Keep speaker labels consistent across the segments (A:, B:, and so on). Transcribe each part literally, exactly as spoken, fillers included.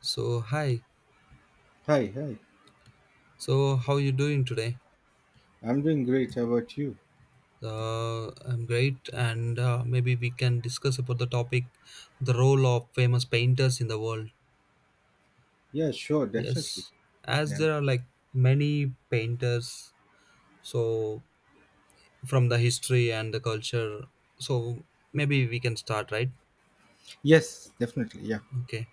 A: So hi.
B: Hi, hi.
A: So how you doing today?
B: I'm doing great. How about you?
A: Uh, I'm great, and uh, maybe we can discuss about the topic, the role of famous painters in the world.
B: Yeah, sure, definitely.
A: Yes, as
B: Yeah.
A: there are like many painters, so from the history and the culture. So maybe we can start, right?
B: Yes, definitely. Yeah.
A: Okay.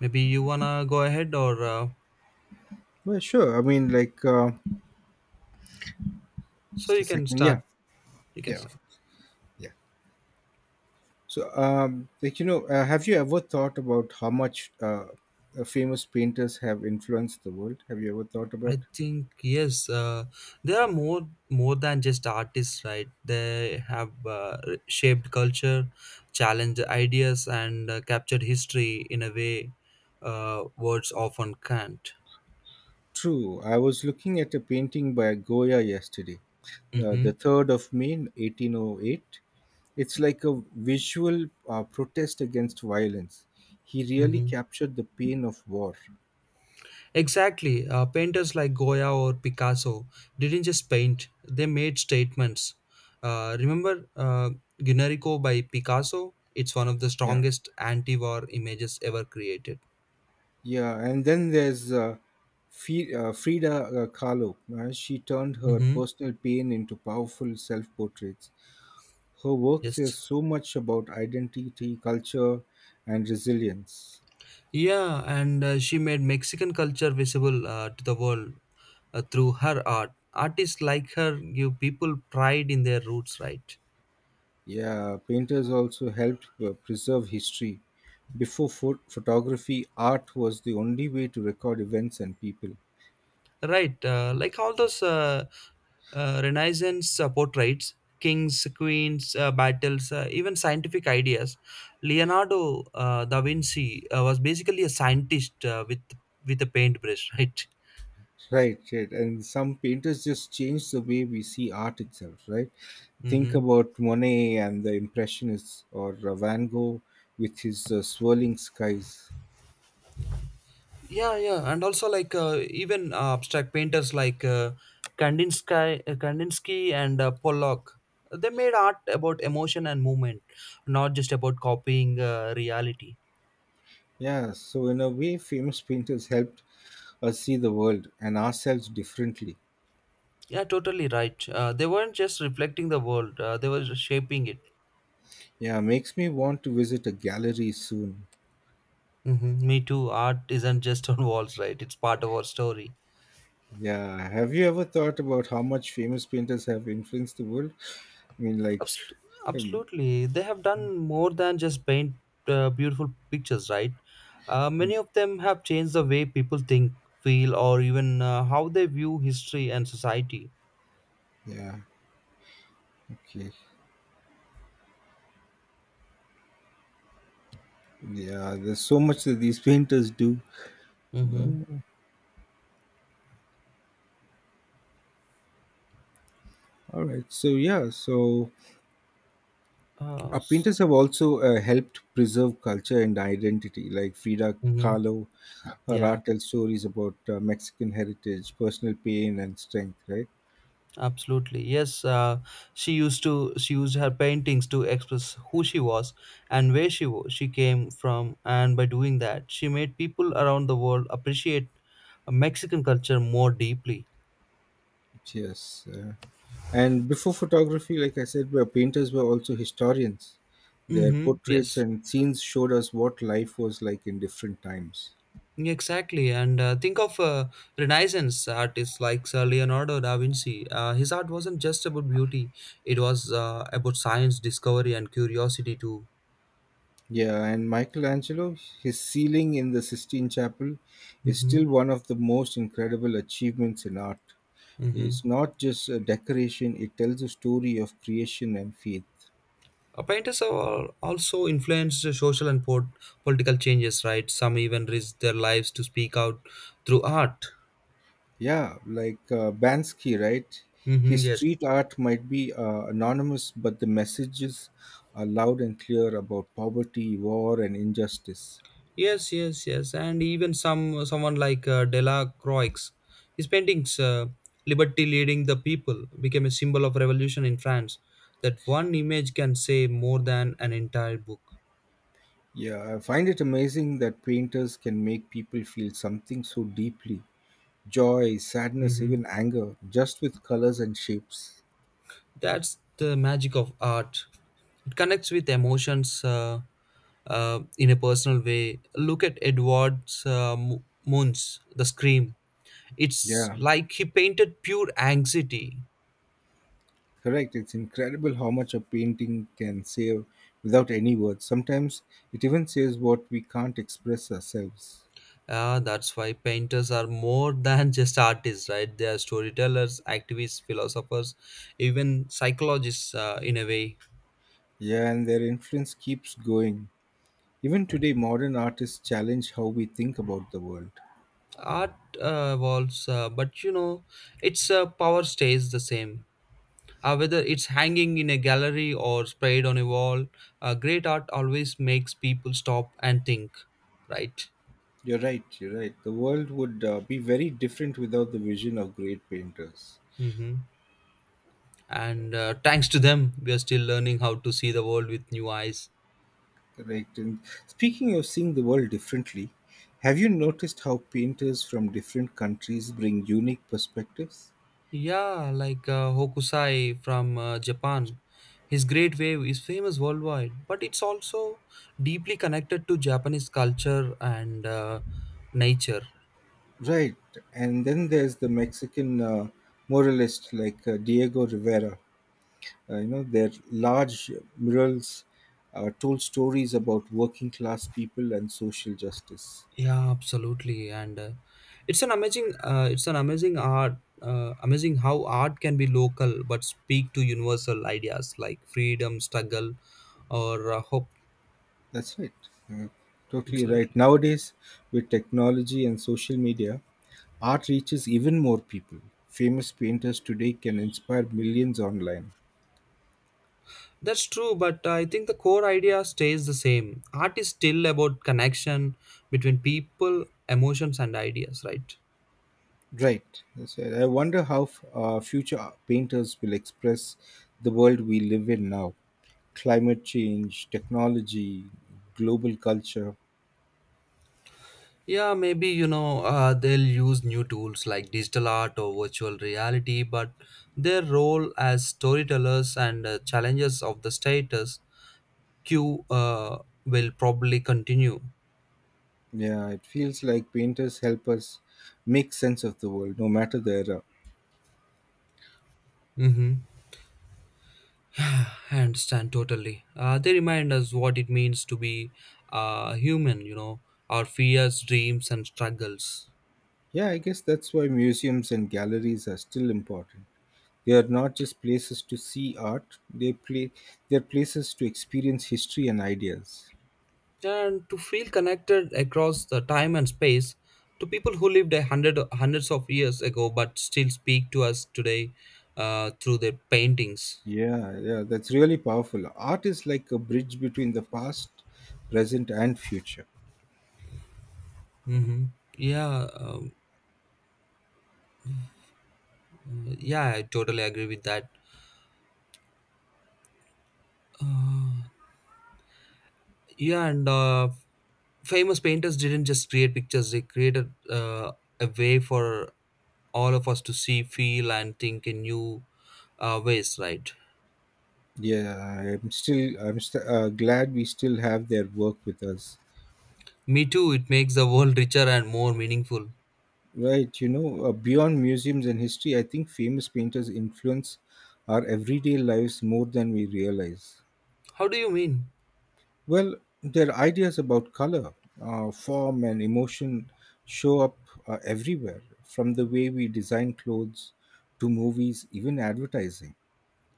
A: Maybe you wanna go ahead, or uh,
B: Well, sure. I mean, like, uh,
A: so
B: just
A: you
B: a
A: can
B: second.
A: start.
B: Yeah,
A: You can
B: yeah, of-
A: start.
B: yeah. So, um, like, you know, uh, have you ever thought about how much uh, uh, famous painters have influenced the world? Have you ever thought about?
A: I think yes, uh, they are more more than just artists, right? They have uh, shaped culture, challenged ideas, and uh, captured history in a way uh, words often can't.
B: True. I was looking at a painting by Goya yesterday, uh,
A: Mm-hmm.
B: the third of May, eighteen oh eight. It's like a visual uh, protest against violence. He really
A: Mm-hmm.
B: captured the pain of war.
A: Exactly. Uh, painters like Goya or Picasso didn't just paint; they made statements. Uh, remember uh, Guernica by Picasso? It's one of the
B: Yeah,
A: strongest anti-war images ever created.
B: yeah. And then there's uh, Fi- uh, Frida uh, Kahlo. Uh, she turned her
A: Mm-hmm.
B: personal pain into powerful self-portraits. Her work
A: Yes.
B: says so much about identity, culture, and resilience.
A: Yeah, and uh, she made Mexican culture visible uh, to the world uh, through her art. Artists like her give people pride in their roots, right?
B: Yeah, painters also helped uh, preserve history. Before pho- photography, art was the only way to record events and people.
A: Right, uh, like all those uh, uh, Renaissance uh, portraits, kings, queens, uh, battles, uh, even scientific ideas. Leonardo uh, da Vinci uh, was basically a scientist uh, with with a paintbrush, right?
B: Right, right. And some painters just change the way we see art itself, right? Think
A: Mm-hmm.
B: about Monet and the Impressionists or uh, Van Gogh with his uh, swirling skies.
A: yeah yeah and also like uh, even uh, abstract painters like uh, kandinsky uh, kandinsky and uh, Pollock. They made art about emotion and movement, not just about copying uh, reality.
B: Yeah, so in a way, famous painters helped us see the world and ourselves differently.
A: Yeah totally right uh, they weren't just reflecting the world, uh, they were shaping it.
B: Yeah, makes me want to visit a gallery soon.
A: Hmm, me too. Art isn't just on walls, right? It's part of our story.
B: Yeah, have you ever thought about how much famous painters have influenced the world? I mean, like,
A: Abs-
B: um,
A: Absolutely. They have done more than just paint uh, beautiful pictures, right? Uh, many of them have changed the way people think, feel, or even uh, how they view history and society.
B: yeah, okay. Yeah, there's so much that these painters do.
A: Mm-hmm.
B: All right. So yeah, so
A: Uh, mm-hmm.
B: uh, painters have also uh, helped preserve culture and identity. Like Frida Kahlo, her
A: Yeah,
B: art tells stories about uh, Mexican heritage, personal pain, and strength. Right.
A: absolutely. Yes, uh, she used to she used her paintings to express who she was and where she wa- she came from, and by doing that, she made people around the world appreciate Mexican culture more deeply.
B: Yes. Uh, and before photography, like I said, were painters were also historians. Their
A: Mm-hmm.
B: portraits
A: Yes.
B: and scenes showed us what life was like in different times.
A: Exactly, and uh, think of uh, Renaissance artists like Sir Leonardo da Vinci. Uh, his art wasn't just about beauty; it was uh, about science, discovery, and curiosity too.
B: Yeah, and Michelangelo, his ceiling in the Sistine Chapel is
A: Mm-hmm.
B: still one of the most incredible achievements in art.
A: Mm-hmm.
B: It's not just a decoration, it tells a story of creation and faith.
A: Uh, painters have al- also influenced the social and pol- political changes, right? Some even risked their lives to speak out through art.
B: Yeah, like uh, Bansky, right?
A: Mm-hmm.
B: His
A: Yes.
B: street art might be uh, anonymous, but the messages are loud and clear about poverty, war, and injustice.
A: Yes, yes, yes, and even some someone like uh, Delacroix, his paintings, uh, "Liberty Leading the People" became a symbol of revolution in France. That one image can say more than an entire book.
B: Yeah, I find it amazing that painters can make people feel something so deeply: joy, sadness,
A: Hmm.
B: even anger, just with colors and shapes.
A: That's the magic of art. It connects with emotions uh, uh, in a personal way. Look at Edward's uh, Munch, The Scream. It's
B: Yeah,
A: like he painted pure anxiety.
B: correct. It's incredible how much a painting can say without any words. Sometimes it even says what we can't express ourselves.
A: Ah, that's why painters are more than just artists, right? They are storytellers, activists, philosophers, even psychologists uh, in a way.
B: Yeah, and their influence keeps going. Even today, modern artists challenge how we think about the world.
A: Art uh, evolves, uh, but you know, its uh, power stays the same. Uh, whether it's hanging in a gallery or sprayed on a wall, uh, great art always makes people stop and think, right?
B: You're right, you're right. The world would uh, be very different without the vision of great painters.
A: Mm-hmm. And uh, thanks to them, we are still learning how to see the world with new eyes.
B: Correct. And speaking of seeing the world differently, have you noticed how painters from different countries bring unique perspectives?
A: Yeah, like uh, Hokusai from uh, Japan. His Great Wave is famous worldwide, but it's also deeply connected to Japanese culture and uh, nature.
B: Right. And then there's the Mexican uh, muralist like uh, Diego Rivera. Uh, you know, their large murals uh, told stories about working class people and social justice.
A: Yeah, absolutely, and uh, it's an amazing, uh, it's an amazing art, uh, amazing how art can be local but speak to universal ideas like freedom, struggle, or uh, hope.
B: That's right. Uh, Totally right.
A: Absolutely.
B: Nowadays, with technology and social media, art reaches even more people. Famous painters today can inspire millions online.
A: That's true, but I think the core idea stays the same. Art is still about connection between people, emotions, and ideas, right?
B: Right. That's it. I wonder how f- uh, future painters will express the world we live in now. Climate change, technology, global culture.
A: Yeah, maybe you know uh, they'll use new tools like digital art or virtual reality, but their role as storytellers and uh, challengers of the status quo uh, will probably continue.
B: Yeah, it feels like painters help us make sense of the world, no matter the era.
A: Mm-hmm. I understand totally. Uh, they remind us what it means to be uh, human, you know, our fears, dreams, and struggles.
B: Yeah, I guess that's why museums and galleries are still important. They are not just places to see art; they play they are places to experience history and ideas.
A: And to feel connected across the time and space to people who lived a hundred hundreds of years ago, but still speak to us today uh, through their paintings.
B: Yeah, yeah, that's really powerful. Art is like a bridge between the past, present, and future.
A: Hmm. Yeah. Um, yeah, I totally agree with that. Yeah, and uh, famous painters didn't just create pictures, they created uh, a way for all of us to see, feel, and think in new uh, ways, right?
B: Yeah, I'm still I'm st- uh, glad we still have their work with us.
A: Me too. It makes the world richer and more meaningful.
B: Right, you know, uh, beyond museums and history, I think famous painters influence our everyday lives more than we realize.
A: How do you mean?
B: Well, their ideas about color, uh, form, and emotion show up uh, everywhere, from the way we design clothes to movies, even advertising.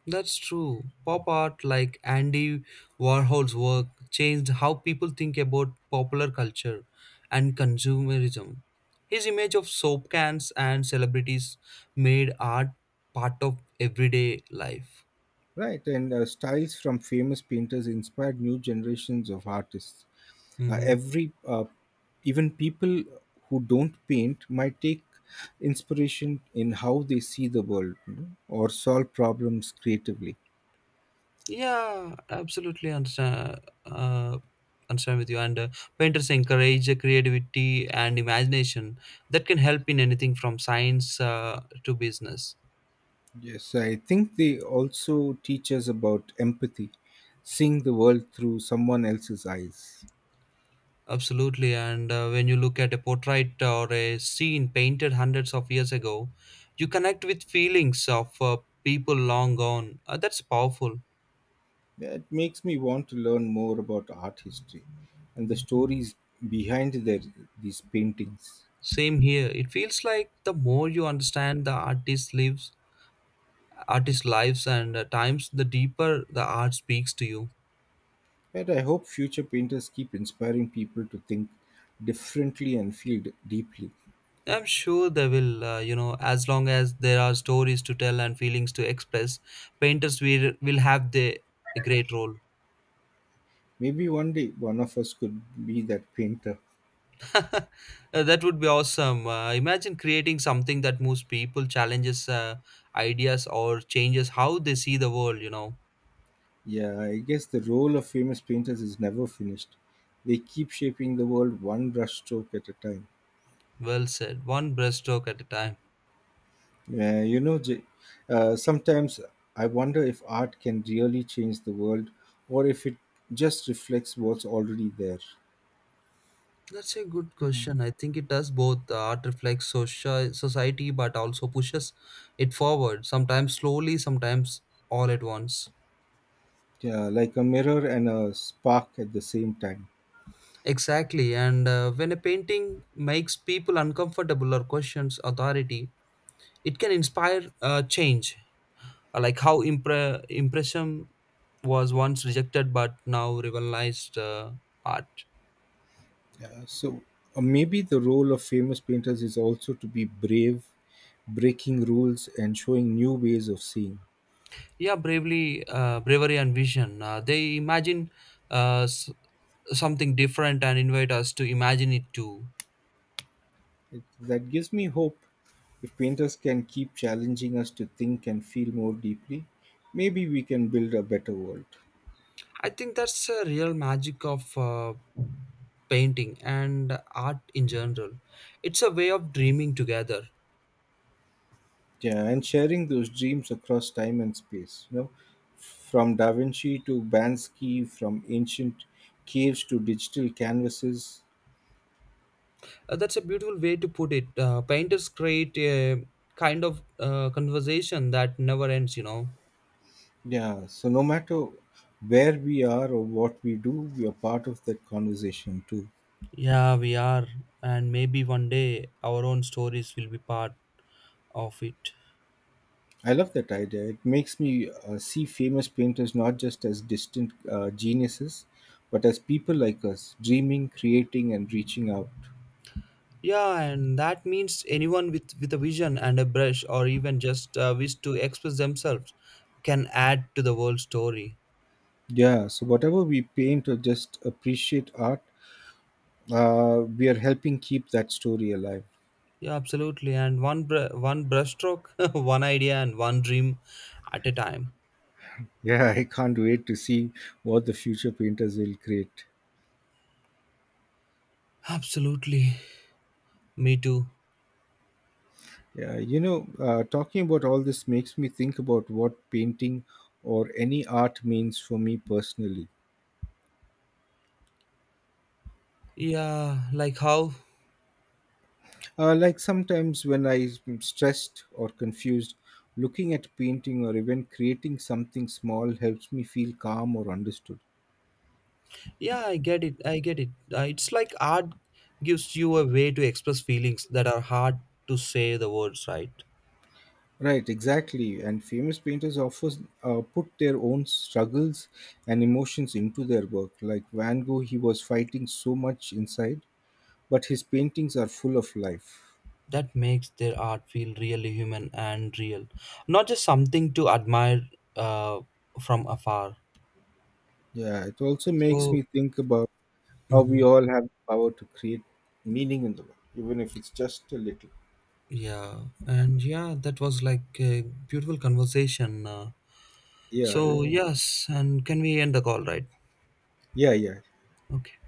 A: That's true. Pop art like Andy Warhol's work changed how people think about popular culture and consumerism. His image of soap cans and celebrities made art part of everyday life.
B: Right, and uh, styles from famous painters inspired new generations of artists. Uh,
A: Hmm.
B: every, uh, Even people who don't paint might take inspiration in how they see the world, you know, or solve problems creatively.
A: Yeah, absolutely understand. Uh, understand with you. And uh, painters encourage the creativity and imagination that can help in anything from science uh, to business.
B: Yes, I think they also teach us about empathy, seeing the world through someone else's eyes.
A: Absolutely, and uh, when you look at a portrait or a scene painted hundreds of years ago, you connect with feelings of uh, people long gone. Uh, that's powerful.
B: That makes me want to learn more about art history and the stories behind their, these paintings.
A: Same here. It feels like the more you understand the artist's lives, artist's lives, and uh, times, the deeper the art speaks to you.
B: But I hope future painters keep inspiring people to think differently and feel d- deeply.
A: I'm sure they will. Uh, you know, as long as there are stories to tell and feelings to express, painters will will have the a great role.
B: Maybe one day one of us could be that painter.
A: Uh, that would be awesome. Uh, imagine creating something that moves people, challenges uh, ideas, or changes how they see the world, you know.
B: Yeah, I guess the role of famous painters is never finished. They keep shaping the world one brushstroke at a time.
A: Well said. One breaststroke at a time.
B: Yeah, you know, J- uh, sometimes I wonder if art can really change the world, or if it just reflects what's already there.
A: That's a good question. I think it does both. The art reflects social society, but also pushes it forward, sometimes slowly, sometimes all at once.
B: Yeah, like a mirror and a spark at the same time.
A: Exactly. And uh, when a painting makes people uncomfortable or questions authority, it can inspire uh, change. Uh, like how impre- impression was once rejected but now revitalized uh, art.
B: Yeah, so uh, maybe the role of famous painters is also to be brave, breaking rules, and showing new ways of seeing.
A: Yeah bravely uh, bravery and vision, uh, they imagine uh, s- something different and invite us to imagine it too.
B: It, that gives me hope. If painters can keep challenging us to think and feel more deeply, maybe we can build a better world.
A: I think that's a real magic of uh, painting and art in general. It's a way of dreaming together.
B: Yeah, and sharing those dreams across time and space. You know, from Da Vinci to Bansky, from ancient caves to digital canvases.
A: Uh, that's a beautiful way to put it. Uh, painters create a kind of uh, conversation that never ends, you know.
B: Yeah, so no matter where we are or what we do, we are part of that conversation too.
A: Yeah, we are. And maybe one day our own stories will be part of it.
B: I love that idea. It makes me uh, see famous painters not just as distant uh, geniuses, but as people like us, dreaming, creating, and reaching out.
A: Yeah, and that means anyone with, with a vision and a brush, or even just a wish to express themselves, can add to the world story.
B: Yeah, so whatever we paint or just appreciate art, uh, we are helping keep that story alive.
A: Yeah, absolutely. And one br- one brushstroke, one idea, and one dream at a time.
B: Yeah, I can't wait to see what the future painters will create.
A: Absolutely. Me too.
B: Yeah, you know, uh, talking about all this makes me think about what painting or any art means for me personally.
A: Yeah, like how.
B: Uh, like sometimes when I'm stressed or confused, looking at painting or even creating something small helps me feel calm or understood.
A: Yeah, I get it. I get it. Uh, it's like art gives you a way to express feelings that are hard to say the words, right?
B: Right, exactly. And famous painters often uh, put their own struggles and emotions into their work. Like Van Gogh, he was fighting so much inside, but his paintings are full of life.
A: That makes their art feel really human and real, not just something to admire uh, from afar.
B: Yeah, it also makes
A: So,
B: me think about how we
A: mhm,
B: all have the power to create meaning in the world, even if it's just a little.
A: yeah, and yeah, that was like a beautiful conversation. Uh,
B: Yeah,
A: so
B: yeah,
A: yes, and can we end the call, right?
B: yeah, yeah.
A: Okay.